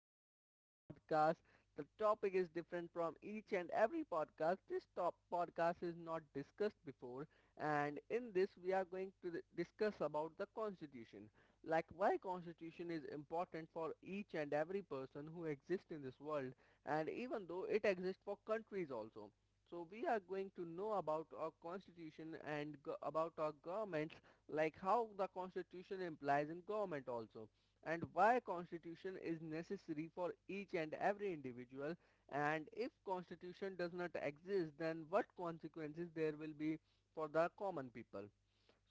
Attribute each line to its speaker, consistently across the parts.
Speaker 1: And in this podcast, the topic is different from each and every podcast. This top podcast is not discussed before, and in this, we are going to discuss about the Constitution, like why Constitution is important for each and every person who exists in this world, and even though it exists for countries also. So we are going to know about our constitution and about our government, like how the constitution implies in government also, and why constitution is necessary for each and every individual, and if constitution does not exist, then what consequences there will be for the common people.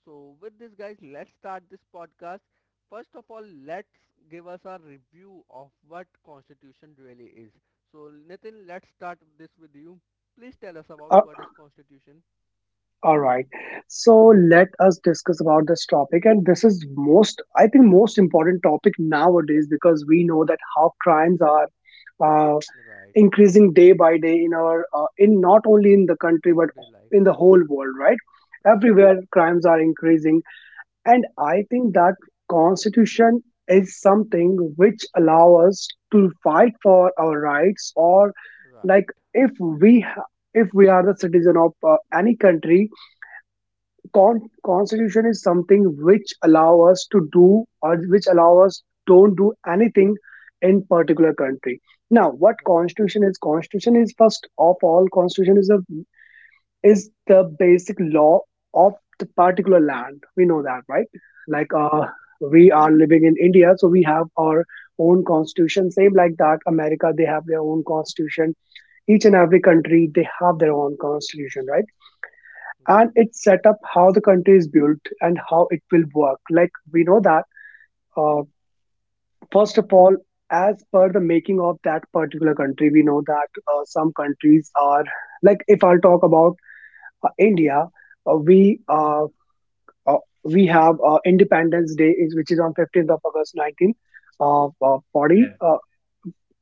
Speaker 1: So with this guys, let's start this podcast. First of all, let's give us a review of what constitution really is. So Nitin, let's start this with you. Please tell us about
Speaker 2: Uh,
Speaker 1: what is constitution.
Speaker 2: all right. So let us discuss about this topic. And this is most, I think, most important topic nowadays because we know that how crimes are uh,
Speaker 1: Right.
Speaker 2: increasing day by day in our, in not only in the country
Speaker 1: Day to
Speaker 2: but
Speaker 1: day life.
Speaker 2: in the whole world, right?
Speaker 1: Right,
Speaker 2: Everywhere crimes are increasing, and I think that constitution is something which allow us to fight for our rights, or like
Speaker 1: right.
Speaker 2: if we ha- if we are the citizen of any country. Constitution is something which allow us to do or which allow us don't do anything in particular country. Now what
Speaker 1: Right,
Speaker 2: constitution is, constitution is, first of all, constitution is a is the basic law of the particular land, we know that, right? like uh
Speaker 1: right,
Speaker 2: we are living in India, so we have our own constitution. Same like that, America, they have their own constitution. Each and every country, they have their own constitution, right? And
Speaker 1: right,
Speaker 2: it set up how the country is built and how it will work. Like we know that, uh, first of all, as per the making of that particular country, we know that some countries are like. If I'll talk about India, uh, we uh, uh, we have Independence Day, which is on 15th of August, nineteen
Speaker 3: Yeah,
Speaker 2: forty.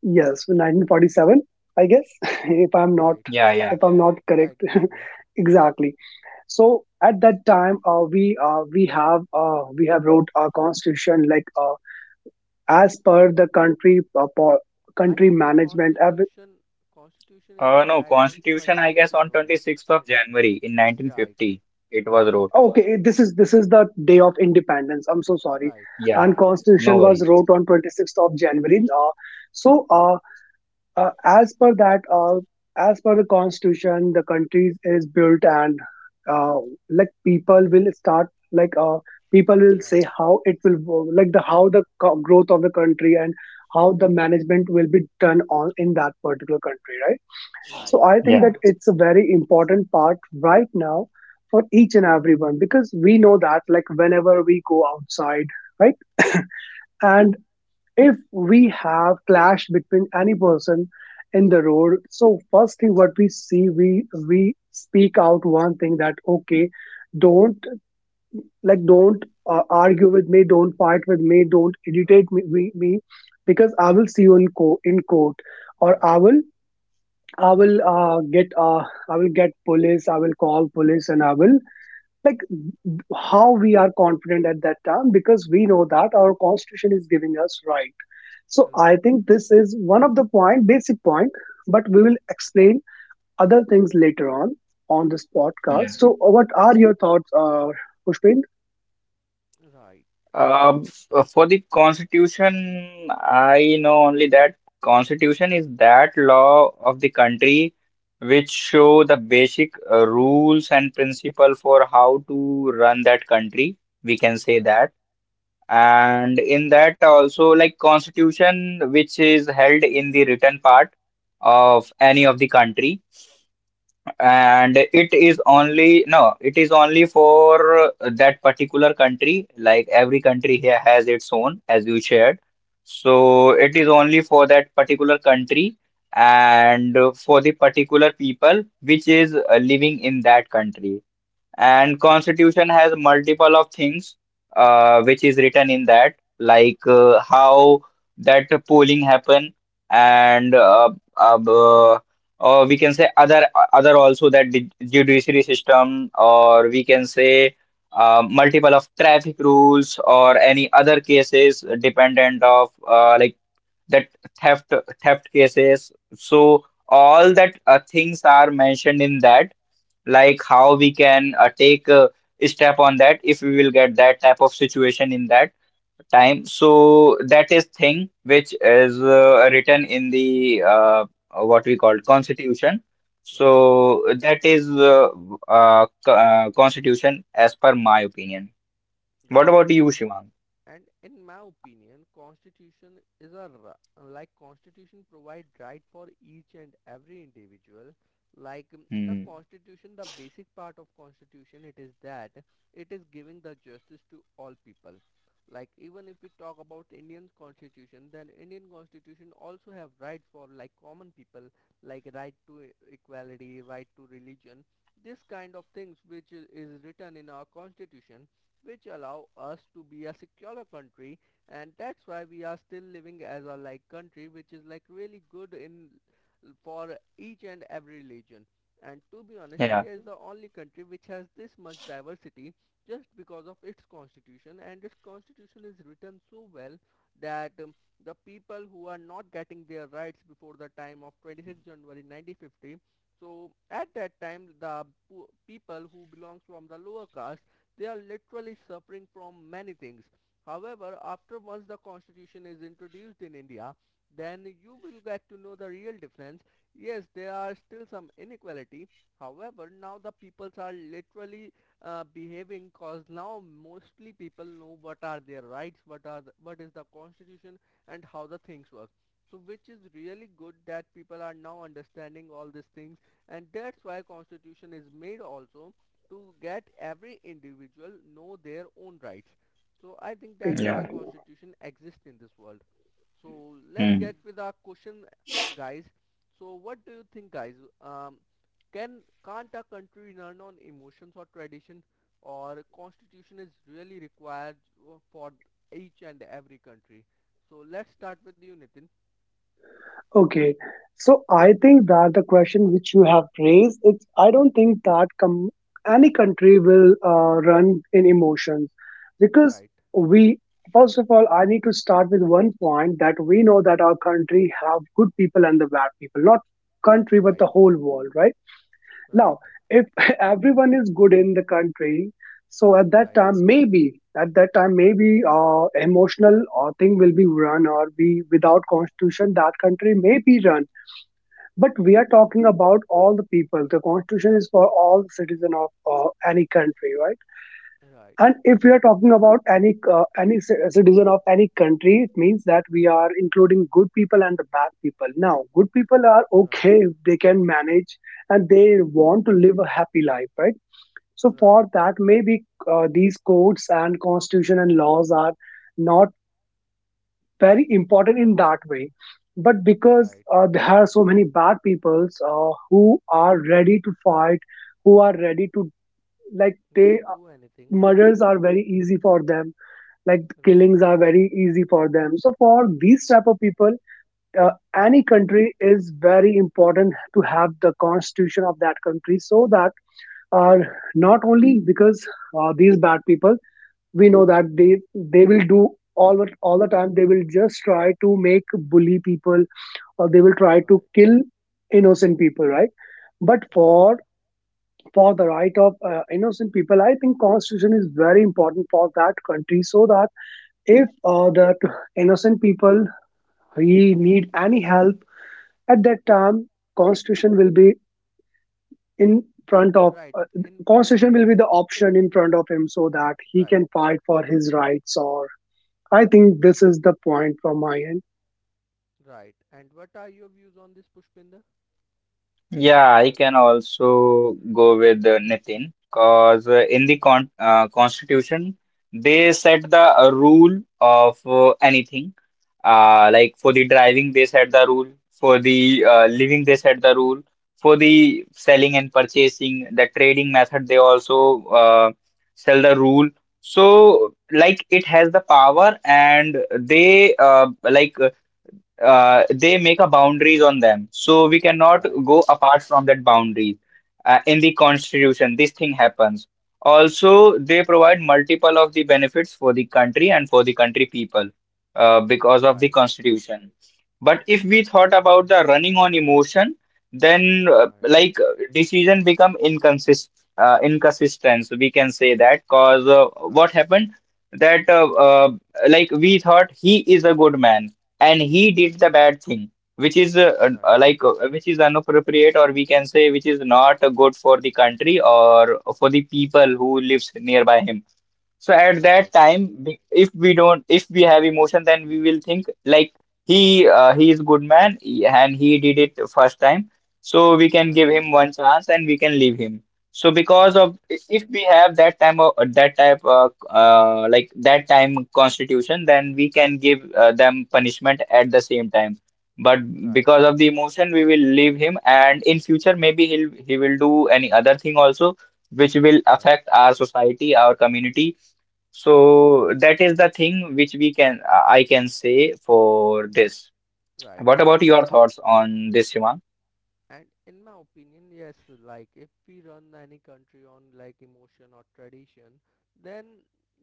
Speaker 2: Yes, 1947, I guess, if I'm not
Speaker 1: right,
Speaker 3: yeah, yeah.
Speaker 2: if I'm not
Speaker 1: right.
Speaker 2: correct,
Speaker 1: You are right.
Speaker 2: exactly. So at that time, we have, we have wrote our constitution, like, as per the country,
Speaker 1: I
Speaker 2: country
Speaker 1: think
Speaker 2: management,
Speaker 1: Constitution, Constitution is
Speaker 3: No,
Speaker 1: implied on
Speaker 3: Constitution, I
Speaker 1: 26
Speaker 3: guess, on
Speaker 1: January.
Speaker 3: 26th of January in
Speaker 1: Right,
Speaker 3: 1950, it was
Speaker 1: right,
Speaker 3: wrote.
Speaker 2: okay, this is, this is the day of independence, I'm so sorry.
Speaker 1: right.
Speaker 3: Yeah,
Speaker 2: And
Speaker 1: No issue.
Speaker 3: no
Speaker 2: constitution was
Speaker 3: worries.
Speaker 2: wrote on 26th of January, so uh, as per that, as per the constitution, the country is built, and uh, like people will start, like, people will say
Speaker 1: Right,
Speaker 2: how it will like the how the growth of the country and how the management will be done on in that particular country, right? So
Speaker 1: right.
Speaker 2: I think
Speaker 3: Yeah,
Speaker 2: that it's a very important part right now for each and everyone, because we know that like whenever we go outside, right, and if we have clash between any person in the road, so first thing what we see, we speak out one thing that, okay, don't, like, don't,
Speaker 1: Don't
Speaker 2: argue
Speaker 1: create
Speaker 2: with me, don't
Speaker 1: nuisance.
Speaker 2: fight with me, don't irritate
Speaker 1: Right,
Speaker 2: me, because I will see you in, in court, or I
Speaker 1: right,
Speaker 2: will, I will get I will get police, I will call police, and I will, like, how we are confident at that time, because we know that our constitution is giving us right. So I
Speaker 1: right,
Speaker 2: think this is one of the point, basic point, but we will explain other things later on this
Speaker 3: yeah.
Speaker 2: podcast. So what are your thoughts, Pushpin?
Speaker 1: right,
Speaker 3: Um, for the Constitution, I know only that Constitution is that law of the country which show the basic rules and principle for how to run that country. We can say
Speaker 1: right,
Speaker 3: that. And in that also, like, constitution which is held in the written part of any of the country, and it is only no it is only for that particular country, like every country here has its own, as you shared. So it is only for that particular country and for the particular people which is living in that country. And constitution has multiple of things which is written in that, like, how that polling happen. And uh, or we can say other also, that the judiciary system, or we can say multiple of traffic rules or any other cases dependent of, like, that theft theft cases. So all
Speaker 1: right.
Speaker 3: that things are mentioned in that, like, how we can take a step on that if we will get that type of situation in that time. So that is thing which is written in the, what we call
Speaker 1: Constitution.
Speaker 3: constitution.
Speaker 1: Right,
Speaker 3: So that is constitution as per my opinion. What
Speaker 1: right.
Speaker 3: about you, Shivang?
Speaker 1: And in my opinion, constitution is a like constitution provide right for each and every individual. Like the
Speaker 3: Hmm.
Speaker 1: constitution, the basic part of constitution, it is that it is giving the justice to all people. Like even if we talk about Indian constitution, then Indian constitution also have rights for like common people, like right to equality, right to religion. This kind of things which is written in our constitution, which allow us to be a secure country. And that's why we are still living as a like country which is like really good in for each and every religion. And to be honest,
Speaker 3: Yeah,
Speaker 1: India is the only country which has this much diversity, just because of its constitution, and its constitution is written so well that the people who are not getting their rights before the time of 26 January 1950, so at that time, the people who belongs from the lower caste, they are literally suffering from many things. However, after once the constitution is introduced in India, then you will get to know the real difference. Yes, there are still some inequality. However, now the peoples are literally behaving, cause now mostly people know what are their rights, what are the, what is the constitution, and how the things work. So which is really good that people are now understanding all these things, and that's why constitution is made also, to get every individual know their own rights. So I think that is why
Speaker 3: yeah.
Speaker 2: Exactly.
Speaker 1: constitution exists in this world. So let's
Speaker 3: Hmm.
Speaker 1: get with our question guys. So what do you think guys, um can't a country run on emotions or tradition, or constitution is really required for each and every country. So let's start with you, Nitin.
Speaker 2: Okay. So I think that the question which you have raised, it's, I don't think that any country will run in emotions, because
Speaker 1: Right,
Speaker 2: we, first of all, I need to start with one point, that we know that our country have good people and the bad people, not country, but
Speaker 1: right,
Speaker 2: the whole world, right?
Speaker 1: right,
Speaker 2: Now, if everyone is good in the country, so at that
Speaker 1: right,
Speaker 2: time, maybe, at that time, maybe emotional thing will be run, or be without constitution, that country may be run. But we are talking
Speaker 1: right,
Speaker 2: about all the people. The constitution is for all the citizen of any country, right?
Speaker 1: right,
Speaker 2: And if we are talking about any citizen of any country, it means that we are including good people and the bad people. Now, good people are
Speaker 1: right,
Speaker 2: okay if they can manage and they want to live a happy life, right? So
Speaker 1: right, right,
Speaker 2: for that, maybe these codes and constitution and laws are not very important in that way. But because
Speaker 1: right.
Speaker 2: there are so many bad peoples who are ready to fight, who are ready to, like, they
Speaker 1: Right, do anything.
Speaker 2: murders are very easy for them, like
Speaker 1: Right,
Speaker 2: killings are very easy for them. So for these type of people, uh, any country is very important to have the constitution of that country, so that, uh, not only because these bad people, we know that they will do all the time they will just try to make bully people, or they will try to
Speaker 1: right,
Speaker 2: kill innocent people, right? But
Speaker 1: right,
Speaker 2: for the right of innocent people, I think constitution is very important for that country, so that if that innocent people, he need any help at that time, constitution will be in front of
Speaker 1: right. In favor
Speaker 2: constitution
Speaker 1: of
Speaker 2: will be
Speaker 1: them.
Speaker 2: the option in front of him, so that he
Speaker 1: Right,
Speaker 2: can fight for his rights. Or I think this is the point from my end.
Speaker 1: right. And what are your views on this, Pushpinder?
Speaker 3: Yeah, I can also go with Nitin, because in the constitution they set the rule of anything. Like, for the driving they set the rule, for the living they set the rule, for the selling and purchasing, the trading method they also sell the rule. So like it has the power, and they, like, they make a boundaries on them, so we cannot
Speaker 1: Right,
Speaker 3: go apart from that boundaries in the constitution. This thing happens. Also, they provide multiple of the benefits for the country and for the country people because of the
Speaker 1: right,
Speaker 3: constitution. But if we thought about the running on emotion, then,
Speaker 1: right,
Speaker 3: like, decision become inconsistent, we can say that, cause
Speaker 1: right,
Speaker 3: what
Speaker 1: right,
Speaker 3: happened that like, we thought he is a good man, and he did the bad thing which is
Speaker 1: right,
Speaker 3: like, which is inappropriate, or we can say which is not good for the country or for the people who lives nearby him. So at that
Speaker 1: right,
Speaker 3: time, if we don't, if we have emotion, then we will think like he, he is good man, and he did it first time. So we can give
Speaker 1: right,
Speaker 3: him one chance and we can leave him. So because of
Speaker 1: right,
Speaker 3: if we have that time of that type like, that time constitution, then we can give them punishment at the same time. But
Speaker 1: right, right.
Speaker 3: because of the emotion, we will leave him, and in future maybe he will do any other thing also, which will
Speaker 1: Right,
Speaker 3: affect our society, our community. So that is the thing which we can I can say for this.
Speaker 1: right.
Speaker 3: What about your thoughts on this, Shivang?
Speaker 1: And in my opinion, yes, like if we run any country on like emotion or tradition, then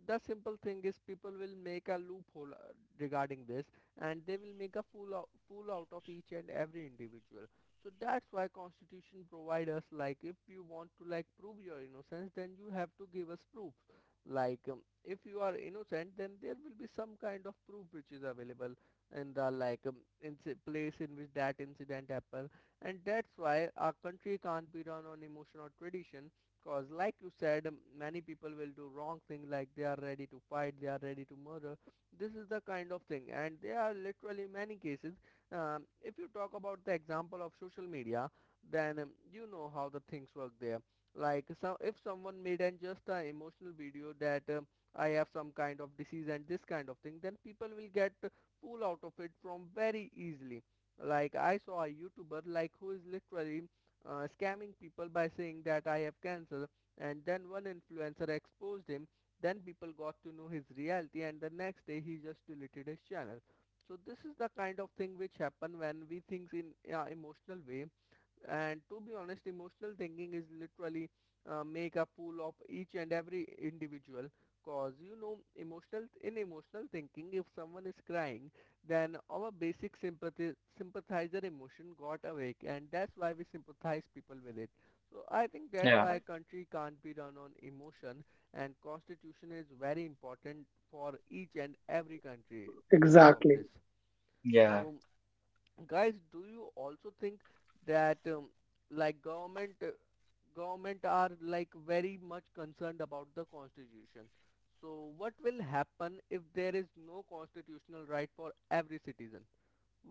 Speaker 1: the simple thing is people will make a loophole regarding this, and they will make a fool out of each and every individual. So that's why constitution provide us, like if you want to like prove your innocence, then you have to give us proofs. Like if you are innocent, then there will be some kind of proof which is available in the like in place in which that incident happened. And that's why our country can't be run on emotion or tradition, cause like you said many people will do wrong thing, like they are ready to fight, they are ready to murder. This is the kind of thing, and there are literally many cases. If you talk about the example of social media, then you know how the things work there. Like so if someone made an just an emotional video that I have some kind of disease and this kind of thing, then people will get full out of it from very easily. Like I saw a YouTuber like who is literally scamming people by saying that I have cancer, and then one influencer exposed him. Then people got to know his reality, and the next day he just deleted his channel. So this is the kind of thing which happen when we think in emotional way. And to be honest, emotional thinking is literally make a fool of each and every individual. Cause you know, emotional, in emotional thinking, if someone is crying, then our basic sympathy, sympathizer emotion got awake, and that's why we sympathize people with it. So I think that's
Speaker 3: Yeah,
Speaker 1: why a country can't be run on emotion, and constitution is very important for each and every country because of
Speaker 2: Exactly.
Speaker 1: this. So
Speaker 3: yeah,
Speaker 1: guys, do you also think that like government government are like very much concerned about the constitution, so what will happen if there is no constitutional right for every citizen?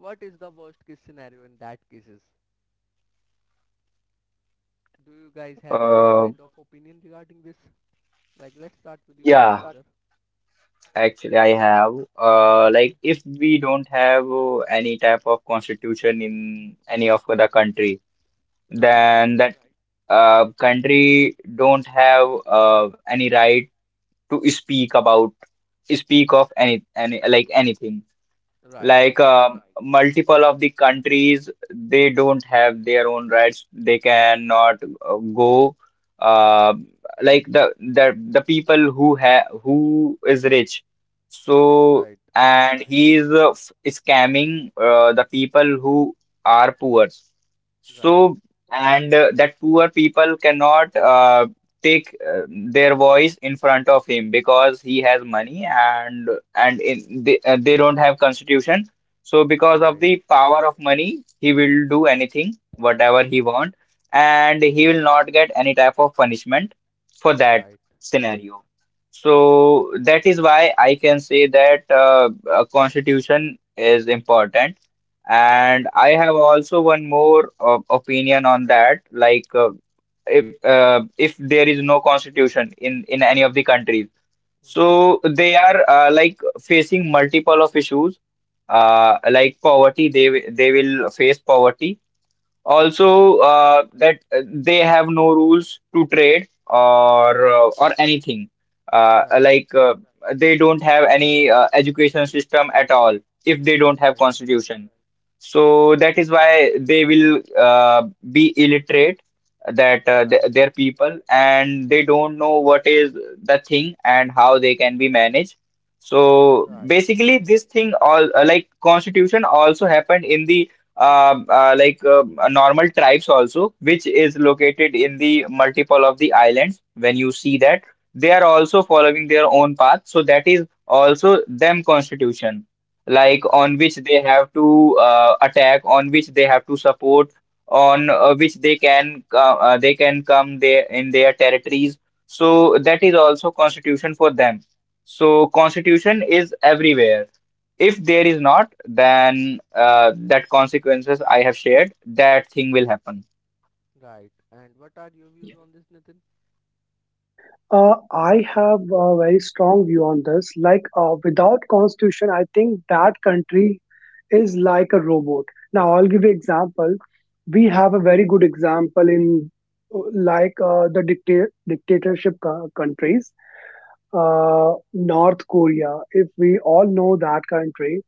Speaker 1: What is the worst case scenario in that cases? Do you guys have any
Speaker 3: uh,
Speaker 1: kind of opinion regarding this? Like let's start with you,
Speaker 3: yeah.
Speaker 1: Pushpinder.
Speaker 3: Actually, I have,
Speaker 1: Okay,
Speaker 3: like, if we don't have any type of constitution in any of the country,
Speaker 1: right,
Speaker 3: then that country don't have any right to speak about, speak of any like, anything.
Speaker 1: right,
Speaker 3: Like, multiple of the countries, they don't have their own rights. They cannot go. Uh, like, the people who have who is rich, so,
Speaker 1: right,
Speaker 3: and he is scamming the people who are poor.
Speaker 1: right,
Speaker 3: So, and that poor people cannot take their voice in front of him, because he has money, and they don't have constitution. So because of
Speaker 1: right,
Speaker 3: the power of money, he will do anything whatever he want, and he will not get any type of punishment for that
Speaker 1: right,
Speaker 3: scenario. So that is why I can say that a constitution is important.
Speaker 1: right,
Speaker 3: And I have also one more opinion on that, like, if if there is no constitution in any of the countries, so
Speaker 1: right,
Speaker 3: they are, like, facing multiple of issues, like poverty. They they will face poverty.
Speaker 1: right,
Speaker 3: Also, that they have no rules to trade, or anything.
Speaker 1: right.
Speaker 3: Like, they don't have any education system at all if they don't have
Speaker 1: Right,
Speaker 3: constitution. So that is why they will be illiterate. That th
Speaker 1: right,
Speaker 3: their people, and they don't know what is the thing and how they can be managed. So
Speaker 1: right,
Speaker 3: basically, this thing all, like, constitution also happened in the like, normal tribes also, which is located in the multiple of the islands. When you see that, they are also following their own path. So that is also them constitution, like,
Speaker 1: right,
Speaker 3: on which they have to attack, on which they have to support, on which they can come there in their territories. So that is also constitution for them. So constitution is everywhere. If there is not, then that consequences I have shared, that thing will happen.
Speaker 1: right. And what are your views on this, Nitin?
Speaker 2: I have a very strong view on this. Like, without constitution, I think that country is like a robot. Now, I'll give you example. We have
Speaker 1: Right,
Speaker 2: a very good example in the dictatorship countries,
Speaker 1: okay,
Speaker 2: North Korea. If we all know that country,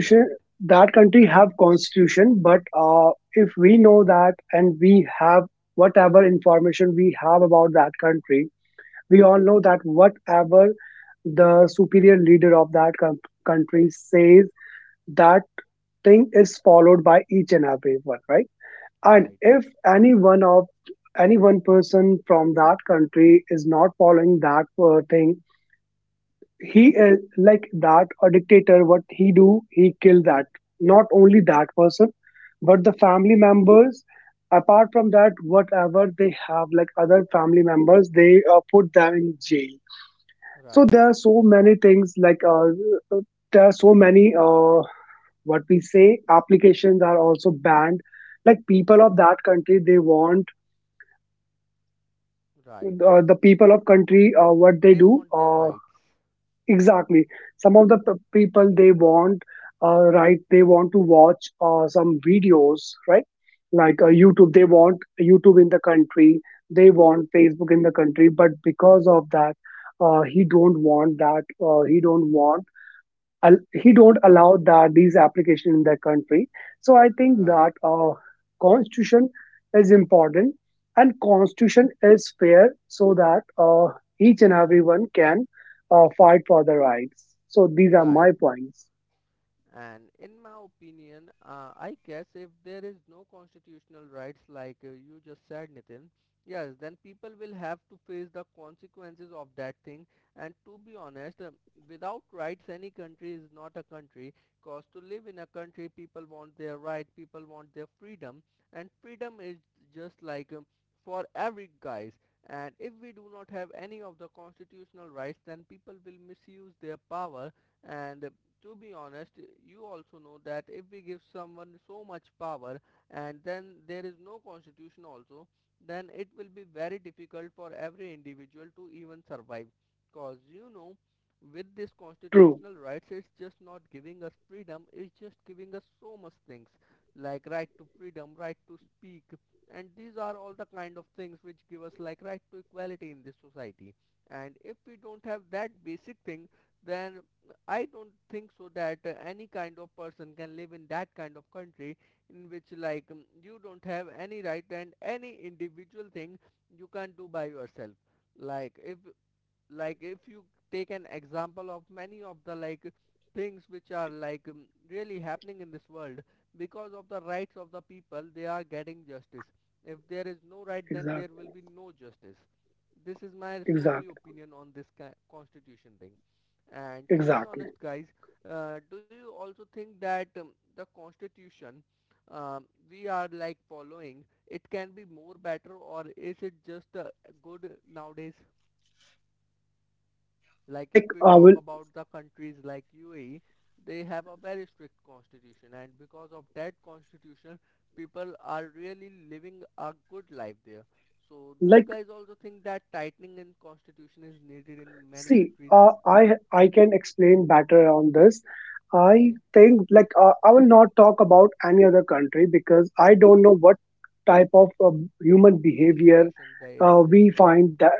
Speaker 1: right,
Speaker 2: that country have constitution, but if we know that, and we have whatever information we have about that country, we all know that whatever the superior leader of that country says, that thing is followed by each and every one, right? And
Speaker 1: right,
Speaker 2: if any one of, any one person from that country is not following that thing, he is like that, a dictator, what he do, he kill that, not only that person, but the family members. Apart from that, whatever they have, like other family members, they put them in jail. So
Speaker 1: right,
Speaker 2: there are so many things, there are so many, what we say, applications are also banned. Like people of that country, they want,
Speaker 1: right.
Speaker 2: the people of country, what they
Speaker 1: They
Speaker 2: do,
Speaker 1: want their rights.
Speaker 2: exactly. Some of the people they want, right, they want to watch some videos, right, like, YouTube. They want YouTube in the country. They want Facebook in the country, but because of that, he don't want that. He don't want, he don't allow that these application in that country. So I think
Speaker 1: Right,
Speaker 2: that constitution is important, and constitution is fair, so that uh, each and everyone can fight for their rights. So these are my
Speaker 1: right.
Speaker 2: points.
Speaker 1: And in my opinion, I guess if there is no constitutional rights like you just said, Nitin, yes, then people will have to face the consequences of that thing. And to be honest, without rights, any country is not a country. Cause to live in a country, people want their right, people want their freedom, and freedom is just like for every guys. And if we do not have any of the constitutional rights, then people will misuse their power, and to be honest, you also know that if we give someone so much power, and then there is no constitution also, then it will be very difficult for every individual to even survive. Cause you know, with this
Speaker 2: True.
Speaker 1: constitutional rights, it's just not giving us freedom, it's just giving us so much things like right to freedom, right to speak, and these are all the kind of things which give us like right to equality in this society. And if we don't have that basic thing, then I don't think so that any kind of person can live in that kind of country in which like you don't have any right, and any individual thing you can not do by yourself. Like if like if you take an example of many of the like things which are like really happening in this world, because of the rights of the people they are getting justice. If there is no right, then there
Speaker 2: Exactly.
Speaker 1: will be no justice. This is my solely
Speaker 2: Exactly.
Speaker 1: opinion on this constitution thing. And to be
Speaker 2: Exactly.
Speaker 1: honest guys, do you also think that the constitution, um, we are like following, it can be more better, or is it just good nowadays. Like if
Speaker 2: like
Speaker 1: we
Speaker 2: I
Speaker 1: talk
Speaker 2: will
Speaker 1: about the countries like UAE, they have a very strict constitution, and because of that constitution, people are really living a good life there. So do you
Speaker 2: like
Speaker 1: guys also think that tightening in constitution is needed in many
Speaker 2: See,
Speaker 1: countries?
Speaker 2: I can explain better on this. I
Speaker 1: Okay,
Speaker 2: think, like, I will not talk about any other country, because I don't know what type of human behavior
Speaker 1: constitution they
Speaker 2: uh,
Speaker 1: exist,
Speaker 2: we
Speaker 1: right,
Speaker 2: find that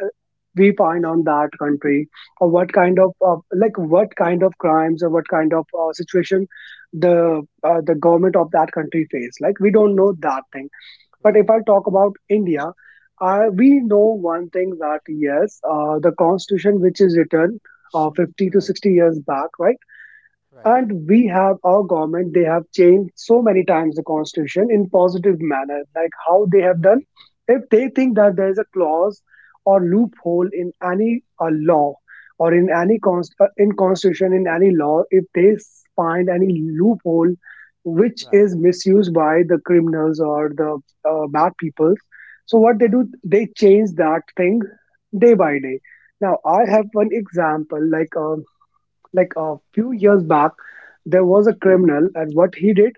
Speaker 2: we find on that country, or what kind of, like, what kind of crimes or what kind of situation the, the government of that country face. Like, we don't know that thing. But if
Speaker 1: right,
Speaker 2: I talk about India, we know one thing, that yes, the constitution which is written 50 to
Speaker 1: right,
Speaker 2: 60 years back, right?
Speaker 1: right,
Speaker 2: And we have our government, they have changed so many times the constitution in positive manner, like how they have done.
Speaker 1: right,
Speaker 2: If they think that there is a clause or loophole in any law, or in
Speaker 1: right,
Speaker 2: any in constitution, in any law, if they find any loophole which
Speaker 1: right,
Speaker 2: is misused by the criminals or the bad people, so what they
Speaker 1: right,
Speaker 2: do, they change that thing day by day. Now I have one example, like, like a few years back, there was a criminal, and what he did,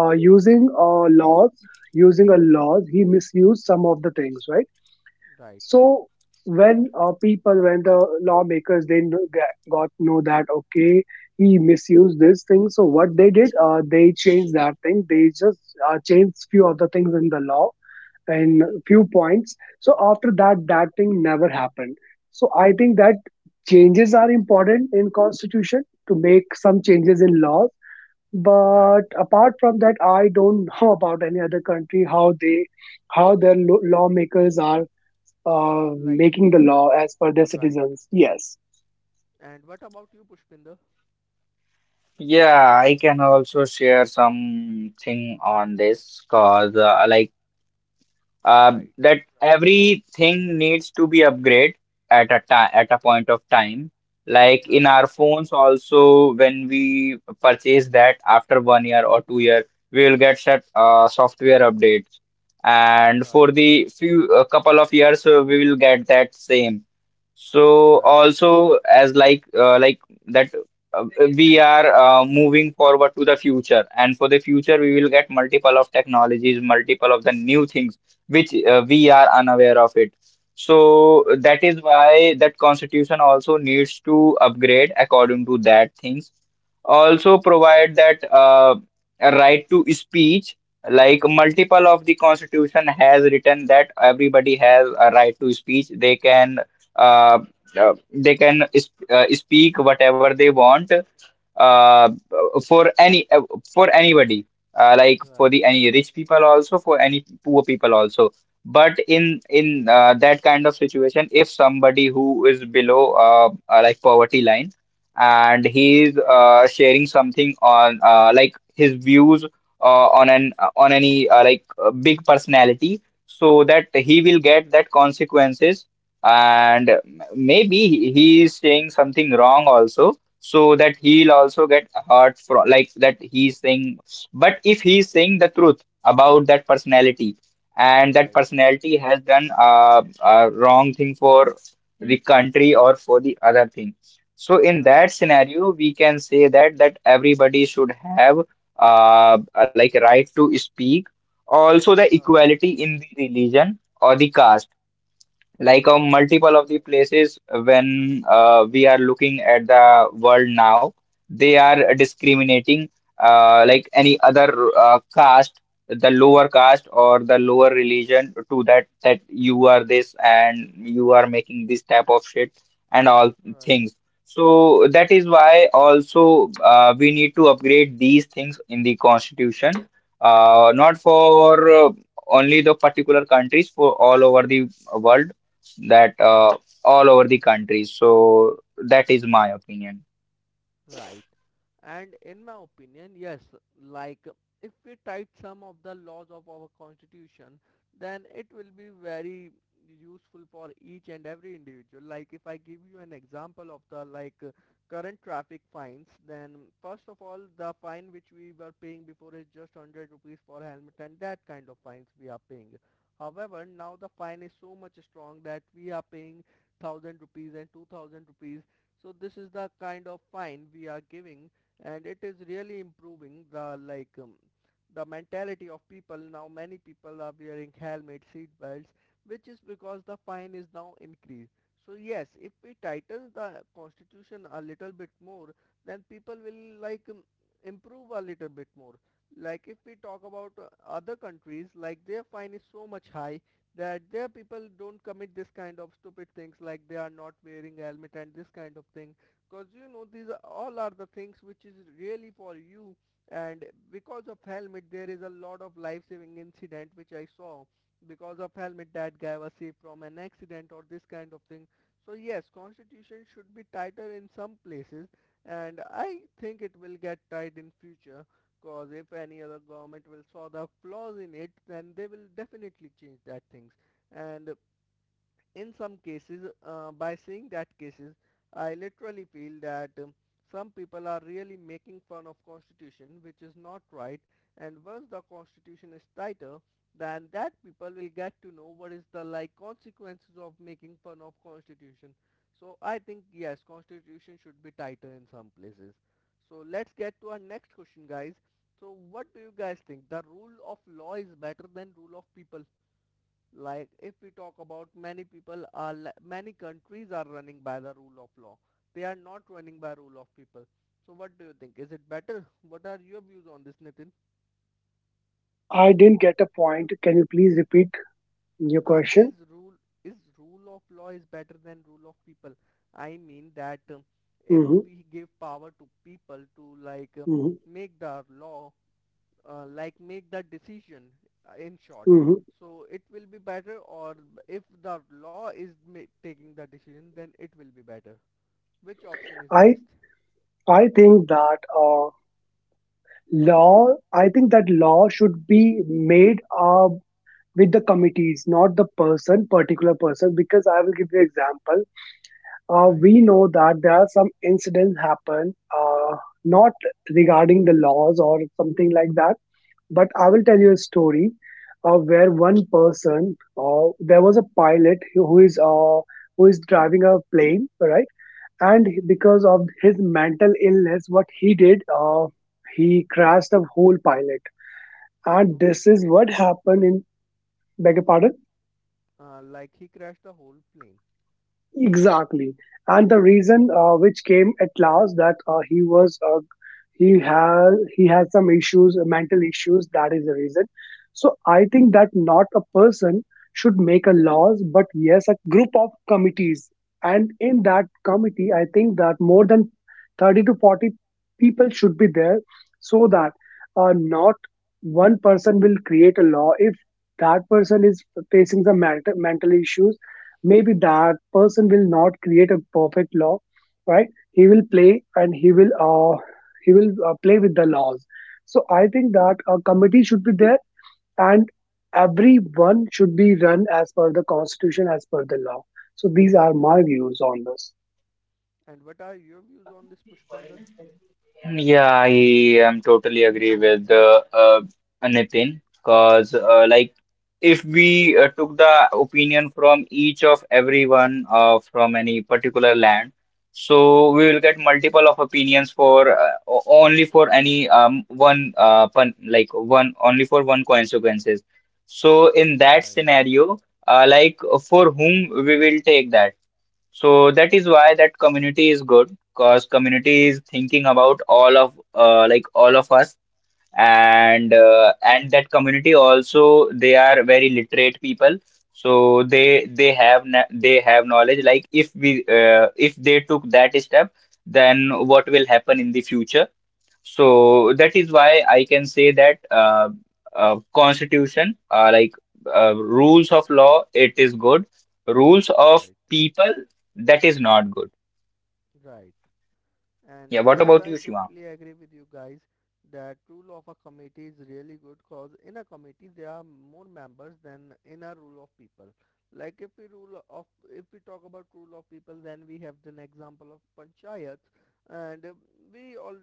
Speaker 2: uh, using uh, laws using a laws, he misused some of the things, right?
Speaker 1: right,
Speaker 2: So when people when the lawmakers they got know that, okay, he misused this thing, so what they did, they changed that thing, they just changed few of the things in the law in few points, so after that, that thing never happened. So I think that changes are important in constitution, to make some changes in laws.
Speaker 1: right.
Speaker 2: But apart from that, I don't know about any other country, how they, how their lawmakers are uh,
Speaker 1: Like
Speaker 2: making the
Speaker 1: making
Speaker 2: law
Speaker 1: law.
Speaker 2: as per their
Speaker 1: Right.
Speaker 2: citizens, yes.
Speaker 1: And what about you, Pushpinder?
Speaker 3: Yeah, I can also share something on this, because, like,
Speaker 1: Right.
Speaker 3: that everything needs to be upgrade at a time, at a point of time, like, in
Speaker 1: Right,
Speaker 3: our phones also, when we purchase that, after 1 year or 2 year, we will get set software updates, and
Speaker 1: right,
Speaker 3: for the few, a couple of years, we will get that same. So
Speaker 1: right,
Speaker 3: also, as like, like, that uh, we are moving forward to the future, and for the future we will get multiple of technologies, multiple of the new things which we are unaware of it. So
Speaker 1: right,
Speaker 3: that is why that constitution also needs to upgrade according to that things. Also provide that, a right to speech, like, multiple of the constitution has written that everybody has a right to speech. Uh, they can speak whatever they want, uh, for any, for anybody, like, for
Speaker 1: right,
Speaker 3: the any rich people also, for any poor people also. But in that kind of situation, if somebody who is below like, poverty line, and he is sharing something on, like, his views on an, on any, like, big personality, so that he will get that consequences, and maybe he is saying something wrong also, so that he'll
Speaker 1: right,
Speaker 3: also get hurt from like that he's saying. But if he's saying the truth about that personality, and
Speaker 1: right,
Speaker 3: that
Speaker 1: right,
Speaker 3: personality has done a wrong thing for the country or for the other thing. So in
Speaker 1: right,
Speaker 3: that scenario we can say that that everybody should have uh like, right to speak. Also the
Speaker 1: right,
Speaker 3: equality in the religion or the caste, like,
Speaker 1: right,
Speaker 3: a
Speaker 1: right,
Speaker 3: multiple of the places. When we are looking at the world now, they are discriminating, like any other caste, the lower caste or the lower religion to that, that you are this and you are making this type of shit and all things. So that is why also we need to upgrade these things in the constitution,
Speaker 1: right, right.
Speaker 3: not for only the particular countries, for all over the world, that all over the country. So that is my opinion.
Speaker 1: Right. And in my opinion, yes, like if we type some of the laws of our constitution, then it will be very useful for each and every individual. Like if I give you an example of the like current traffic fines, then first of all, the fine which we were paying before is just 100 rupees for helmet and that kind of fines we are paying. However, now the fine is so much strong that we are paying 1,000 rupees and 2,000 rupees. So this is the kind of fine we are giving, and it is really improving the like the mentality of people. Now many people are wearing helmet, seat belts, which is because the fine is now increased. So yes, if we tighten the constitution a little bit more, then people will like improve a little bit more. Like if we talk about other countries, like their fine is so much high that their people don't commit this kind of stupid things like they are not wearing helmet and this kind of thing because you know these are, all are the things which is really for you and because of helmet there is a lot of life saving incident which I saw because of helmet that guy was saved from an accident or this kind of thing. So yes, constitution should be tighter in some places and I think it will get tight in future. Cause if any other government will saw the flaws in it, then they will definitely change that things. And in some cases by seeing that cases I literally feel that some people are really making fun of constitution, which is not right. And once the constitution is tighter, then that people will get to know what is the like consequences of making fun of constitution. So I think yes, constitution should be tighter in some places. So let's get to our next question, guys. So what do you guys think, the rule of law is better than rule of people? Like if we talk about, many people are many countries are running by the rule of law, they are not running by rule of people. So what do you think, is it better? What are your views on this, Nitin?
Speaker 2: I didn't get a point, can you please repeat your
Speaker 1: Is
Speaker 2: question?
Speaker 1: rule, is rule of law is better than rule of people? I mean that if
Speaker 2: Hmm.
Speaker 1: we give power to people to like
Speaker 2: Hmm.
Speaker 1: make the law, like make the decision, in short,
Speaker 2: Hmm.
Speaker 1: so it will be better, or if the law is taking the decision, then it will be better. Which option is
Speaker 2: i
Speaker 1: best?
Speaker 2: i think that law I think that law should be made with the committees, not the person, particular person, because I will give you example.
Speaker 1: Right.
Speaker 2: We know that there are some incidents happen, not regarding the laws or something like that, but I will tell you a story. Where one person, there was a pilot who, who is driving a plane, right? And
Speaker 1: Okay.
Speaker 2: because of his mental illness, what he did, he crashed the whole pilot. And
Speaker 1: Okay,
Speaker 2: this
Speaker 1: c-
Speaker 2: is
Speaker 1: whole
Speaker 2: what
Speaker 1: plane.
Speaker 2: happened in, beg your pardon?
Speaker 1: Like he crashed the whole plane.
Speaker 2: Exactly, and the
Speaker 1: Okay.
Speaker 2: reason which came at last, that he has, he has some issues, mental issues. That is the reason. So I think that not a person should make a laws, but yes, a group of committees, and in that committee, I think that more than 30 to 40 people should be there, so that, not one person will create a law, if that person is facing some mental issues, maybe that person will not create a perfect law, right? He will play, and he will play with the laws. So I think that a committee should be there, and everyone should be run as per the constitution, as per the law. So these are my
Speaker 1: Right.
Speaker 2: views on this.
Speaker 1: And what are your views on this, Pushpinder?
Speaker 3: Yeah, I am totally agree with Nitin, because,
Speaker 1: Okay.
Speaker 3: like, if we took the opinion from each of everyone from any particular land, so we will get multiple of opinions only for any, one, pun like, one, only for one consequences. So in that
Speaker 1: Right.
Speaker 3: scenario, like, for whom we will take that. So that is why that community is good, because community is thinking about all of, like, all of us. And
Speaker 1: Right.
Speaker 3: and that community also, they are very literate people, so they have they have knowledge, like if we, if they took that step, then what will happen in the future. So that is why I can say that constitution, like, rules of law it is good, rules of
Speaker 1: Right.
Speaker 3: people, that is not good.
Speaker 1: Right. And
Speaker 3: Yeah, what
Speaker 1: yes,
Speaker 3: about you,
Speaker 1: I
Speaker 3: Shivam?
Speaker 1: totally agree with you guys that rule of a committee is really good, cause in a committee there are more members than in a rule of people. Like if we rule of, if we talk about rule of people, then we have an example of panchayats, and we all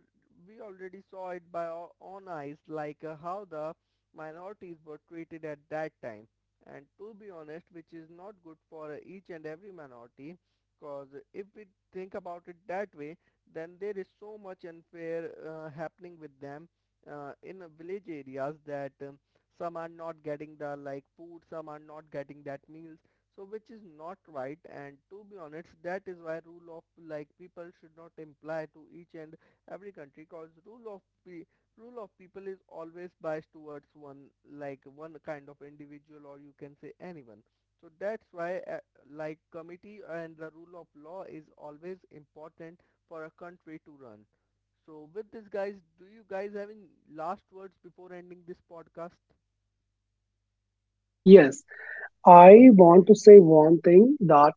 Speaker 1: we already saw it by our own eyes, like how the minorities were treated at that time. And to be honest, which is not good for each and every minority, cause if we think about it that way, then there is so much unfair happening with them in village areas that some are not getting the like food, some are not getting that meals. So which is not right, and to be honest, that is why rule of like people should not imply to each and every country, cause rule of pe- rule of people is always biased towards one, like one kind of individual, or you can say anyone. So that's why like committee and the rule of law is always important for a country to run. So with this guys, do you guys have any last words before ending this podcast?
Speaker 2: Yes, I want to
Speaker 1: Okay.
Speaker 2: say one thing, that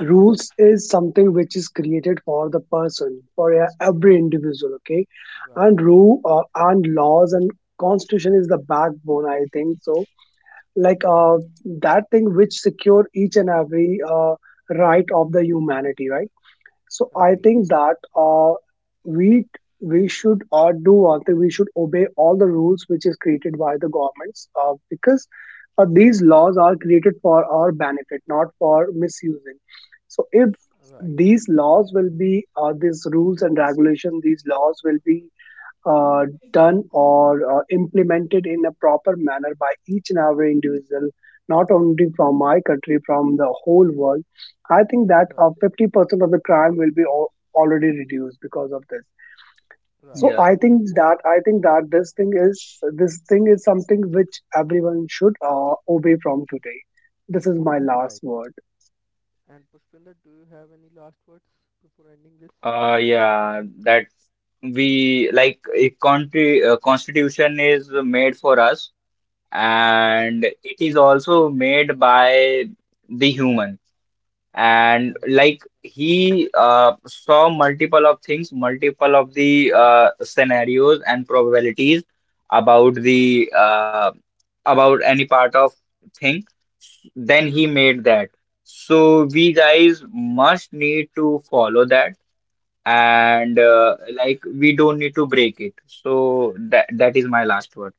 Speaker 2: rules is something which is created for the person, for every individual, okay?
Speaker 1: Right.
Speaker 2: And rule and laws and constitution is the backbone, I think so, like, that thing which secure each and every right of the humanity, right? So I
Speaker 1: Right.
Speaker 2: think that, we we should do one thing. We should obey all the rules which is created by the governments, because these laws are created for our benefit, not for misusing. So if
Speaker 1: Right.
Speaker 2: these laws will be, these rules and regulation, these laws will be uh, done or implemented in a proper manner by each and every individual, not only from my country, from the whole world, I think that
Speaker 1: Right.
Speaker 2: 50% of the crime will be already reduced because of this. So
Speaker 1: Right.
Speaker 3: Yeah,
Speaker 2: I think that, this thing is, this thing is something which everyone should obey from today. This is my last
Speaker 1: Right.
Speaker 2: word.
Speaker 1: And Pushpinder, do you have any last words before ending this?
Speaker 3: Yeah, that we like a country, constitution is made for us,
Speaker 1: Right.
Speaker 3: and it is also made by the human. And
Speaker 1: Right.
Speaker 3: like he saw multiple of things, multiple of the scenarios and probabilities about the uh, about any part of thing. Then he made that. So we guys must need to follow that, and
Speaker 1: Right.
Speaker 3: like, we don't need to break it. So that, that is my last word.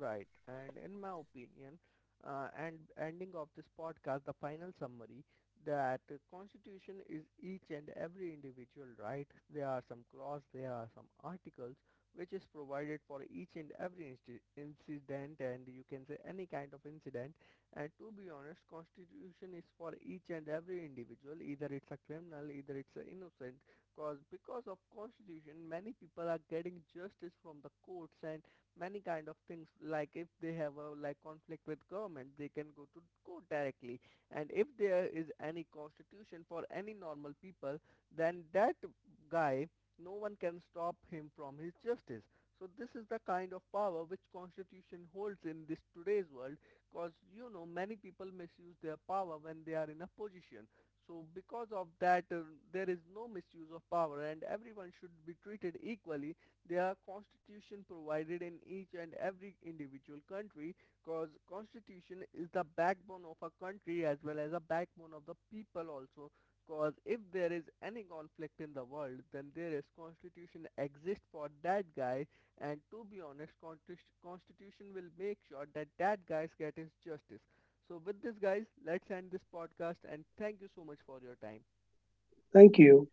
Speaker 1: Right, and in my opinion, and ending of this podcast, the final summary that constitution is each and every individual right. There are some clause, there are some articles which is provided for each and every incident, and you can say any kind of incident. And to be honest, constitution is for each and every individual. Either it's a criminal, either it's a innocent. Cause because of constitution, many people are getting justice from the courts and many kind of things, like if they have a like conflict with government, they can go to court directly. And if there is any constitution for any normal people, then that guy, no one can stop him from his justice. So this is the kind of power which constitution holds in this today's world. Cause you know, many people misuse their power when they are in a position. So because of that there is no misuse of power and everyone should be treated equally. Their constitution provided in each and every individual country, cause constitution is the backbone of a country as well as a backbone of the people also. Cause if there is any conflict in the world, then there is constitution exist for that guy. And to be honest, constitution will make sure that that guys get his justice. So with this guys, let's end this podcast, and thank you so much for your time.
Speaker 2: Thank you.